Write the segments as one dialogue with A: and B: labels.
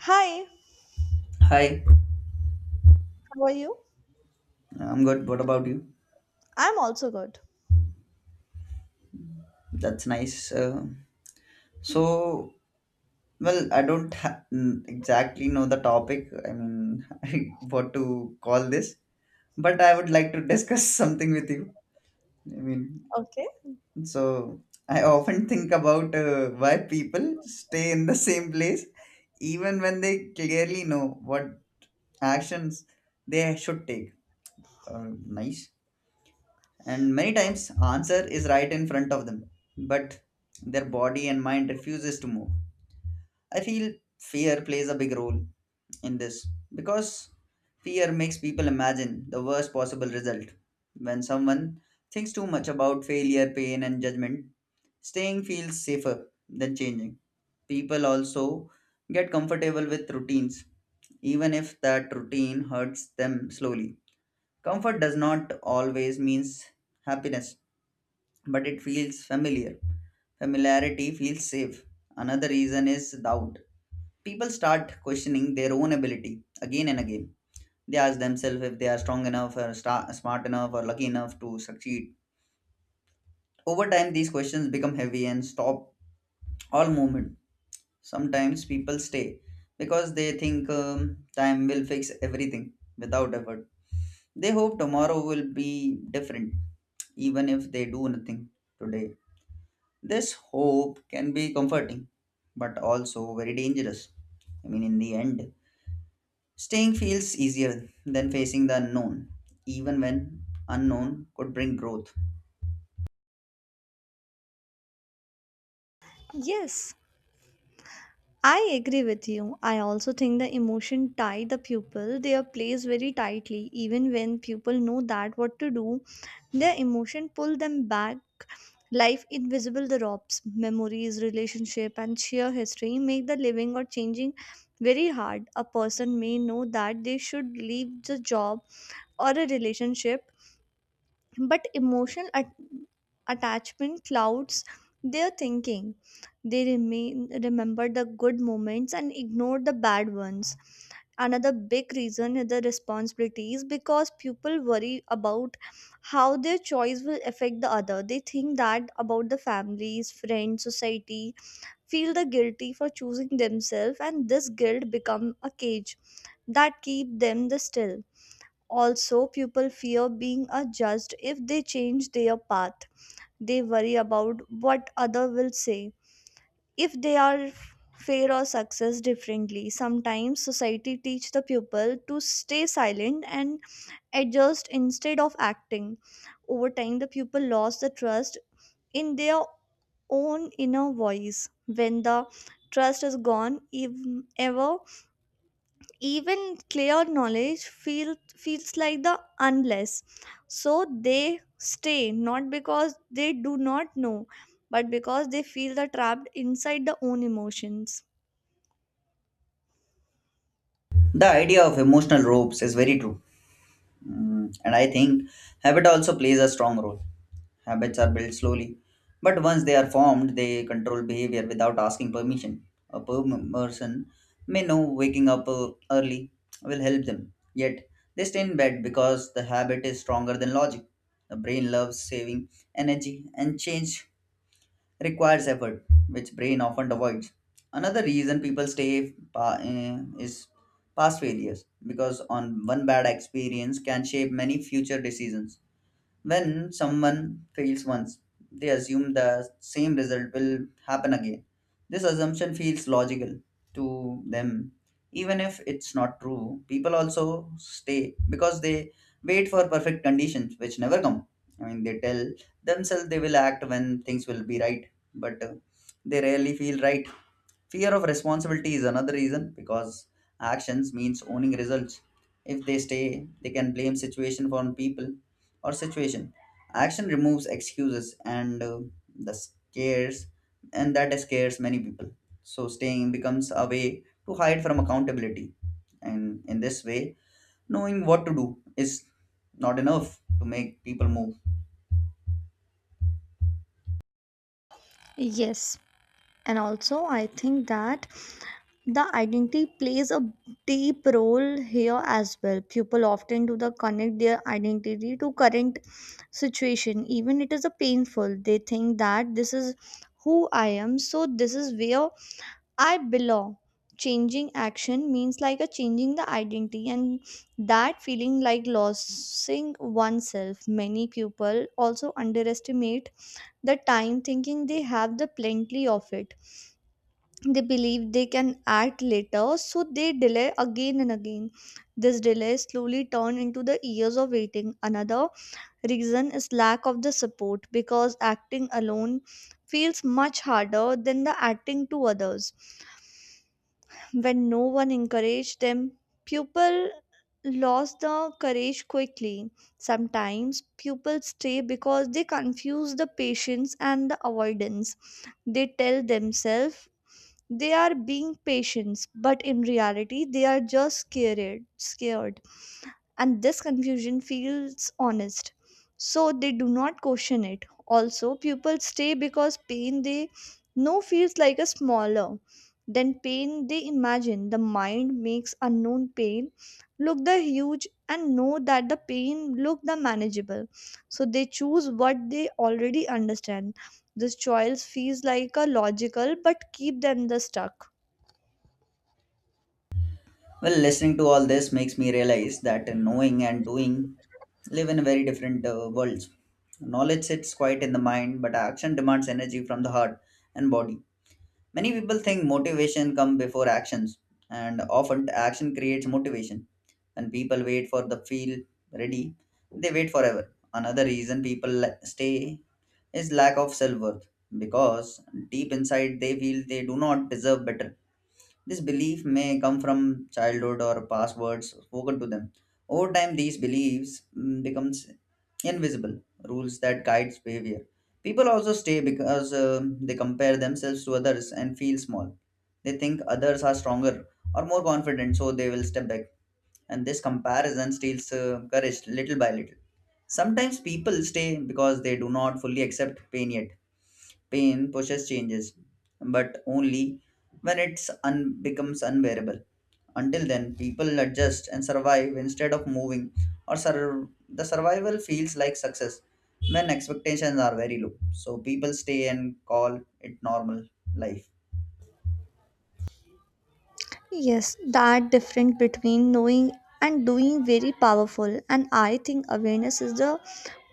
A: Hi,
B: Hi,
A: how are you?
B: I'm good. What about you?
A: I'm also good.
B: That's nice. So, well, I don't exactly know the topic. What to call this, but I would like to discuss something with you. I mean,
A: Okay.
B: so I often think about why people stay in the same place even when they clearly know what actions they should take. Nice. And many times answer is right in front of them, but their body and mind refuses to move. I feel fear plays a big role in this, because fear makes people imagine the worst possible result. When someone thinks too much about failure, pain and judgment, staying feels safer than changing. People also get comfortable with routines, even if that routine hurts them slowly. Comfort does not always means happiness, but it feels familiar. Familiarity feels safe. Another reason is doubt. People start questioning their own ability again and again. They ask themselves if they are strong enough, or sta smart enough, or lucky enough to succeed. Over time, these questions become heavy and stop all movement. Sometimes people stay because they think time will fix everything without effort. They hope tomorrow will be different, even if they do nothing today. This hope can be comforting, but also very dangerous. In the end, staying feels easier than facing the unknown, even when unknown could bring growth.
A: Yes, I agree with you. I also think the emotion tie the pupil their place very tightly. Even when people know that what to do, their emotion pull them back. Life invisible the ropes, memories, relationship, and sheer history make the living or changing very hard. A person may know that they should leave the job or a relationship but emotional attachment clouds their thinking, they remain remember the good moments and ignore the bad ones. Another big reason is the responsibilities, because people worry about how their choice will affect the other. They think that about the families, friends, society, feel the guilty for choosing themselves, and this guilt become a cage that keep them the still. Also, people fear being judged if they change their path. They worry about what other will say if they are fair or success differently. Sometimes society teach the pupil to stay silent and adjust instead of acting. Over time, the pupil lost the trust in their own inner voice. When the trust is gone, if ever, even clear knowledge feels like the unless, so they stay not because they do not know, but because they feel the trapped inside the own emotions.
B: The idea of emotional ropes is very true. And I think habit also plays a strong role. Habits are built slowly, but once they are formed, they control behavior without asking permission. A person may know waking up early will help them, yet they stay in bed because the habit is stronger than logic. The brain loves saving energy, and change requires effort, which brain often avoids. Another reason people stay is past failures, because on one bad experience can shape many future decisions. When someone fails once, they assume the same result will happen again. This assumption feels logical to them. Even if it's not true, people also stay because they wait for perfect conditions which never come. They tell themselves they will act when things will be right, but they rarely feel right. Fear of responsibility is another reason, because actions means owning results. If they stay, they can blame situation for people or situation. Action removes excuses and the scares, and that scares many people. So staying becomes a way to hide from accountability. And in this way, knowing what to do is not enough to make people move.
A: Yes, and also I think that the identity plays a deep role here as well. People often do the connect their identity to current situation, even it is a painful. They think that this is who I am, so this is where I belong. Changing action means like a changing the identity, and that feeling like losing oneself. Many people also underestimate the time, thinking they have the plenty of it. They believe they can act later, so they delay again and again. This delay slowly turn into the years of waiting. Another reason is lack of the support, because acting alone feels much harder than the acting to others. When no one encouraged them, people lost the courage quickly. Sometimes pupils stay because they confuse the patience and the avoidance. They tell themselves they are being patient, but in reality, they are just scared. Scared, and this confusion feels honest, so they do not question it. Also pupils stay because pain they know feels like a smaller than pain they imagine. The mind makes unknown pain look the huge and know that the pain look the manageable, so they choose what they already understand. This choice feels like a logical but keep them the stuck.
B: Well, listening to all this makes me realize that knowing and doing live in very different worlds. Knowledge sits quiet in the mind, but action demands energy from the heart and body. Many people think motivation comes before actions, and often action creates motivation. When people wait for the feel ready, they wait forever. Another reason people stay is lack of self worth, because deep inside they feel they do not deserve better. This belief may come from childhood or past words spoken to them. Over time, these beliefs becomes invisible rules that guides behavior. People also stay because they compare themselves to others and feel small. They think others are stronger or more confident, so they will step back. And this comparison steals courage little by little. Sometimes people stay because they do not fully accept pain yet. Pain pushes changes, but only when it's becomes unbearable. Until then, people adjust and survive instead of moving, or the survival feels like success when expectations are very low. So people stay and call it normal life.
A: Yes, that difference between knowing and doing very powerful, and I think awareness is the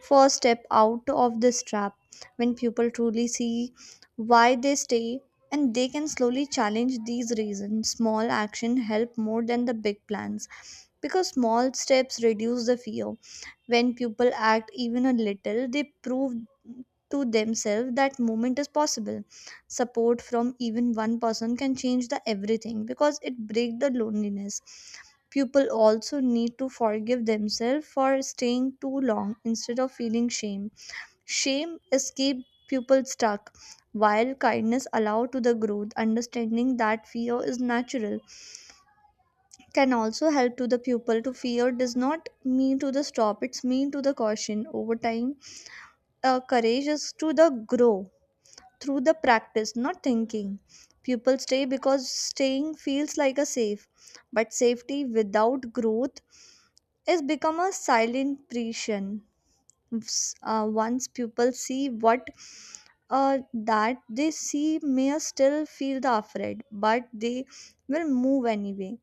A: first step out of this trap. When people truly see why they stay, and they can slowly challenge these reasons, small action help more than the big plans, because small steps reduce the fear. When people act even a little, they prove to themselves that movement is possible. Support from even one person can change the everything, because it break the loneliness. People also need to forgive themselves for staying too long instead of feeling shame. Shame is keep people stuck, while kindness allow to the growth. Understanding that fear is natural can also help to the pupil to fear does not mean to the stop. It's mean to the caution over time. Courage is to the grow through the practice, not thinking. Pupils stay because staying feels like a safe, but safety without growth, it's become a silent prison. Once people see what uh, that, they see may still feel the afraid, but they will move anyway.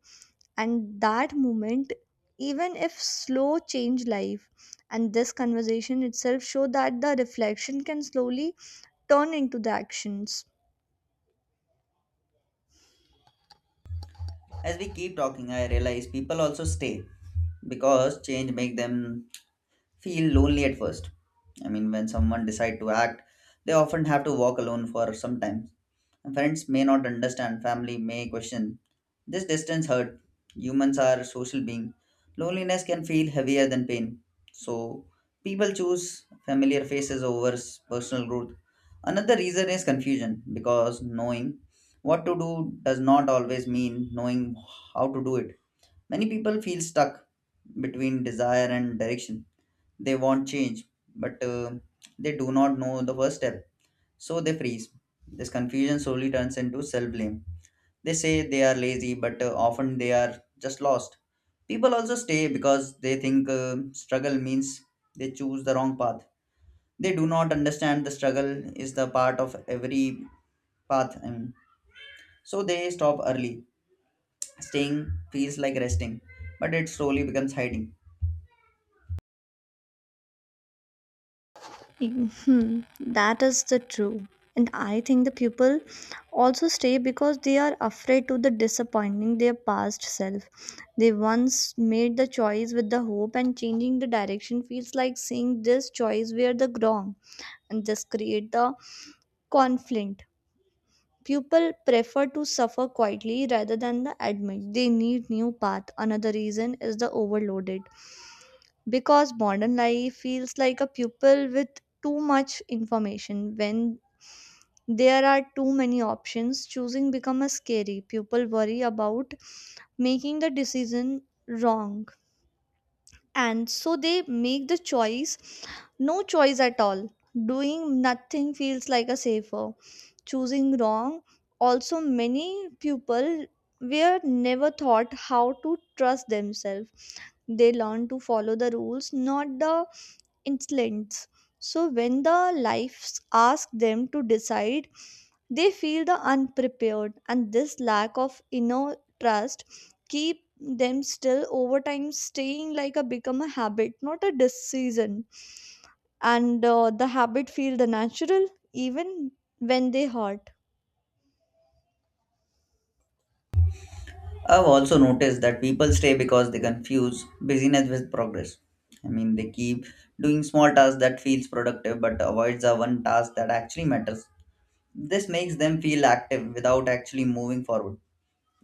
A: And that movement, even if slow, change life. And this conversation itself show that the reflection can slowly turn into the actions.
B: As we keep talking, I realize people also stay because change make them feel lonely at first. When someone decide to act, they often have to walk alone for some time. And friends may not understand, family may question. This distance hurt. Humans are social being. Loneliness can feel heavier than pain. So people choose familiar faces over personal growth. Another reason is confusion, because knowing what to do does not always mean knowing how to do it. Many people feel stuck between desire and direction. They want change, but they do not know the first step, so they freeze. This confusion slowly turns into self blame. They say they are lazy, but often they are just lost. People also stay because they think struggle means they choose the wrong path. They do not understand the struggle is the part of every path. So they stop early. Staying feels like resting, but it slowly becomes hiding.
A: Hmm, that is the true. And I think the people also stay because they are afraid to the disappointing their past self. They once made the choice with the hope, and changing the direction feels like saying this choice were the wrong, and this create the conflict. People prefer to suffer quietly rather than the admit they need new path. Another reason is the overloaded, because modern life feels like a pupil with too much information. When there are too many options, choosing become a scary. People worry about making the decision wrong, and so they make the choice no choice at all. Doing nothing feels like a safer choosing wrong. Also many people were never taught how to trust themselves. They learn to follow the rules, not the instincts, so when the lives ask them to decide, they feel the unprepared, and this lack of inner trust keep them still. Over time, staying like a become a habit, not a decision. And the habit feel the natural even when they hurt.
B: I've also noticed that people stay because they confuse busyness with progress. They keep doing small tasks that feels productive but avoids the one task that actually matters. This makes them feel active without actually moving forward.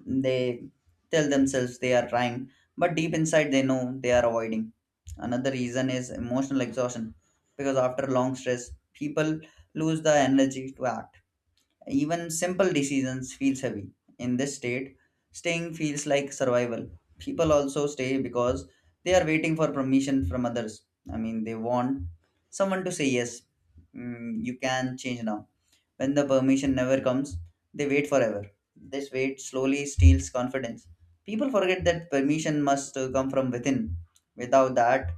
B: They tell themselves they are trying, but deep inside they know they are avoiding. Another reason is emotional exhaustion, because after long stress, people lose the energy to act. Even simple decisions feels heavy. In this state, staying feels like survival. People also stay because they are waiting for permission from others. They want someone to say yes. You can change now. When the permission never comes, they wait forever. This wait slowly steals confidence. People forget that permission must come from within. Without that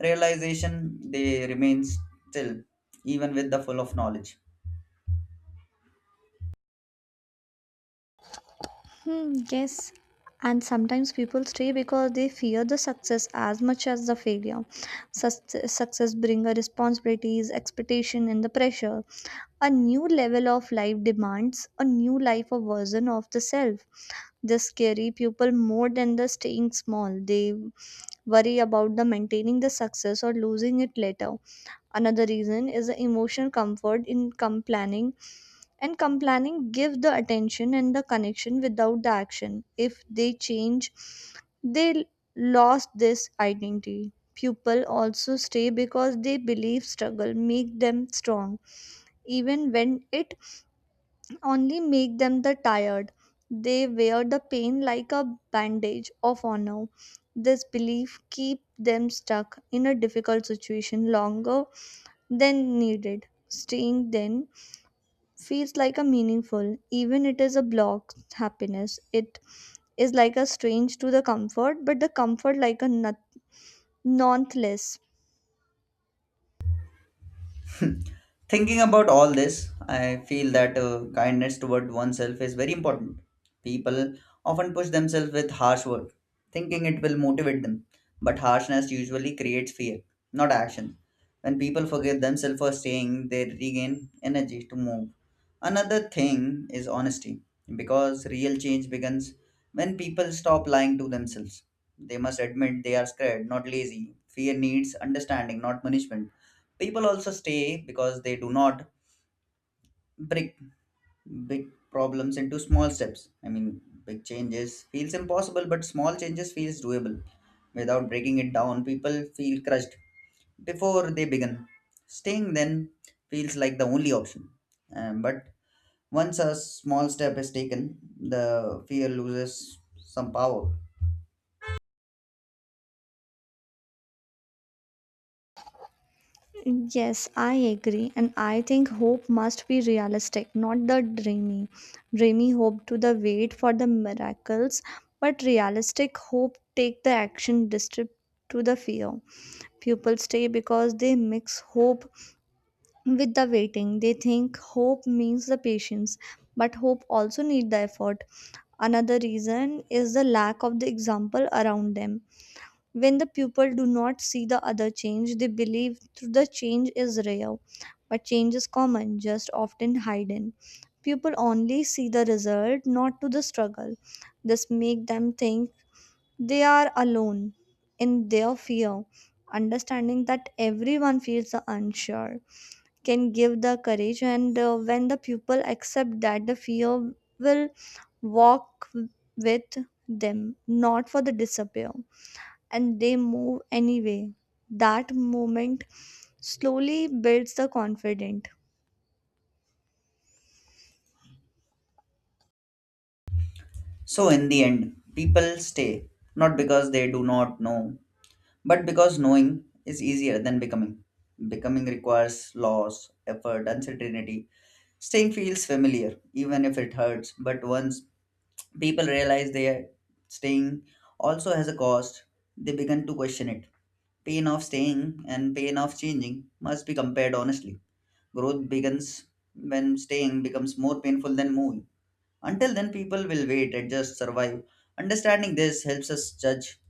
B: realization, they remain still, even with the full of knowledge.
A: Hmm, yes. And sometimes people stay because they fear the success as much as the failure. Success brings responsibilities, expectation, and the pressure. A new level of life demands a new life of version of the self. The scary people more than the staying small. They worry about the maintaining the success or losing it later. Another reason is the emotional comfort in complaining, and complaining give the attention and the connection without the action. If they change, they lost this identity. People also stay because they believe struggle make them strong, even when it only make them the tired. They wear the pain like a bandage of honor. This belief keep them stuck in a difficult situation longer than needed. Staying then feels like a meaningful, even it is a block happiness. It is like a strange to the comfort, but the comfort like a nonetheless.
B: Thinking about all this, I feel that kindness toward oneself is very important. People often push themselves with harsh work, thinking it will motivate them. But harshness usually creates fear, not action. When people forgive themselves for staying, they regain energy to move. Another thing is honesty, because real change begins when people stop lying to themselves. They must admit they are scared, not lazy. Fear needs understanding, not punishment. People also stay because they do not break big problems into small steps. Big changes feels impossible, but small changes feels doable. Without breaking it down, people feel crushed before they begin. Staying then feels like the only option. But once a small step is taken, the fear loses some power.
A: Yes, I agree. And I think hope must be realistic, not the dreamy. Dreamy hope to the wait for the miracles, but realistic hope take the action district to the fear. People stay because they mix hope with the waiting. They think hope means the patience, but hope also need the effort. Another reason is the lack of the example around them. When the pupil do not see the other change, they believe the change is rare. But change is common, just often hidden. People only see the result, not to the struggle. This make them think they are alone in their fear. Understanding that everyone feels the unsure can give the courage, and when the pupil accept that the fear will walk with them, not for the disappear, and they move anyway. That moment slowly builds the confidence.
B: So in the end, people stay not because they do not know, but because knowing is easier than becoming. Becoming requires loss, effort, uncertainty. Staying feels familiar, even if it hurts. But once people realize they're staying also has a cost, they begin to question it. Pain of staying and pain of changing must be compared honestly. Growth begins when staying becomes more painful than moving. Until then, people will wait, adjust, survive. Understanding this helps us judge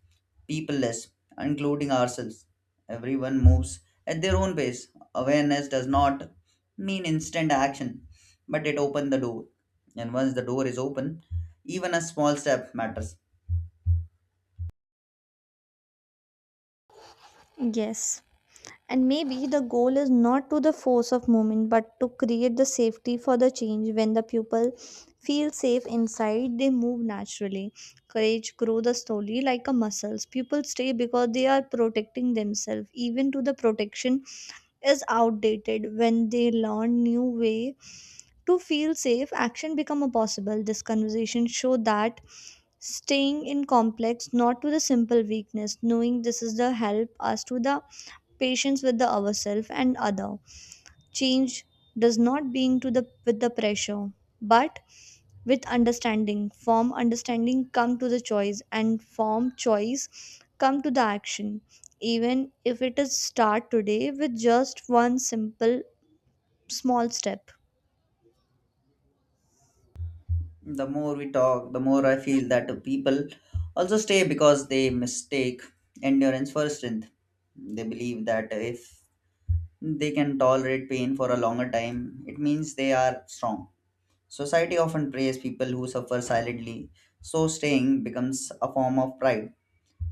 B: people less, including ourselves. Everyone moves at their own pace. Awareness does not mean instant action, but it opens the door. And once the door is open, even a small step matters.
A: Yes. And maybe the goal is not to the force of movement, but to create the safety for the change. When the pupil feel safe inside, they move naturally. Courage grows the slowly like a muscles. Pupils stay because they are protecting themselves, even to the protection is outdated. When they learn new way to feel safe, action become a possible. This conversation show that staying in complex, not to the simple weakness. Knowing this is the help us to the patience with the ourself and other. Change does not being to the with the pressure, but with understanding. From understanding come to the choice, and from choice come to the action, even if it is start today with just one simple small step.
B: The more we talk, the more I feel that people also stay because they mistake endurance for strength. They believe that if they can tolerate pain for a longer time. It means they are strong. Society often praises people who suffer silently, so staying becomes a form of pride.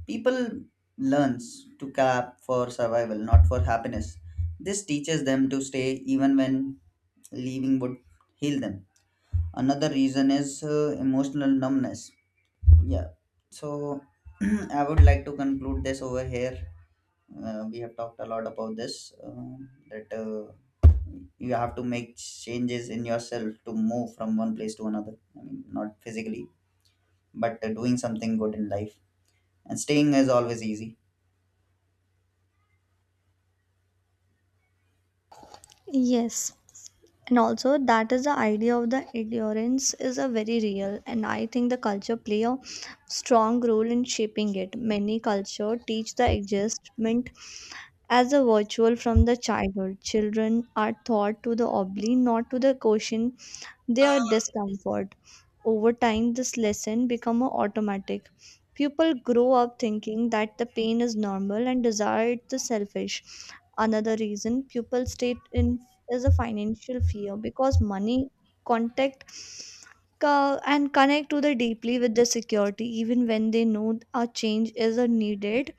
B: People learns to clap for survival, not for happiness. This teaches them to stay even when leaving would heal them. Another reason is emotional numbness. Yeah. So I would like to conclude this over here. We have talked a lot about this. That. You have to make changes in yourself to move from one place to another. Not physically, but doing something good in life, and staying is always easy.
A: Yes, and also that is the idea of the endurance is a very real, and I think the culture play a strong role in shaping it. Many culture teach the adjustment as a virtual from the childhood. Children are taught to the obli, not to the quotient their discomfort. Over time, this lesson become a automatic. People grow up thinking that the pain is normal and desire it is selfish. Another reason people stay in is a financial fear, because money contact and connect to the deeply with the security. Even when they know a change is a needed,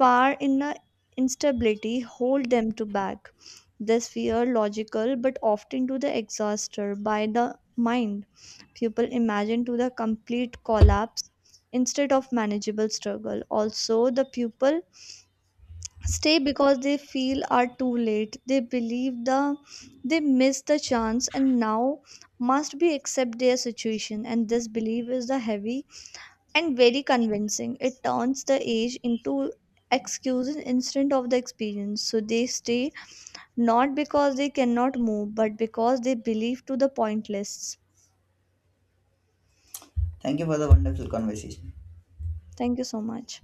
A: far in the instability hold them to back. This fear logical, but often to the exhauster by the mind. People imagine to the complete collapse instead of manageable struggle. Also, the pupil stay because they feel are too late. They believe the they missed the chance and now must be accept their situation, and this belief is the heavy and very convincing. It turns the age into excuses instead of the experience. So they stay not because they cannot move, but because they believe to the pointless.
B: Thank you for the wonderful conversation.
A: Thank you so much.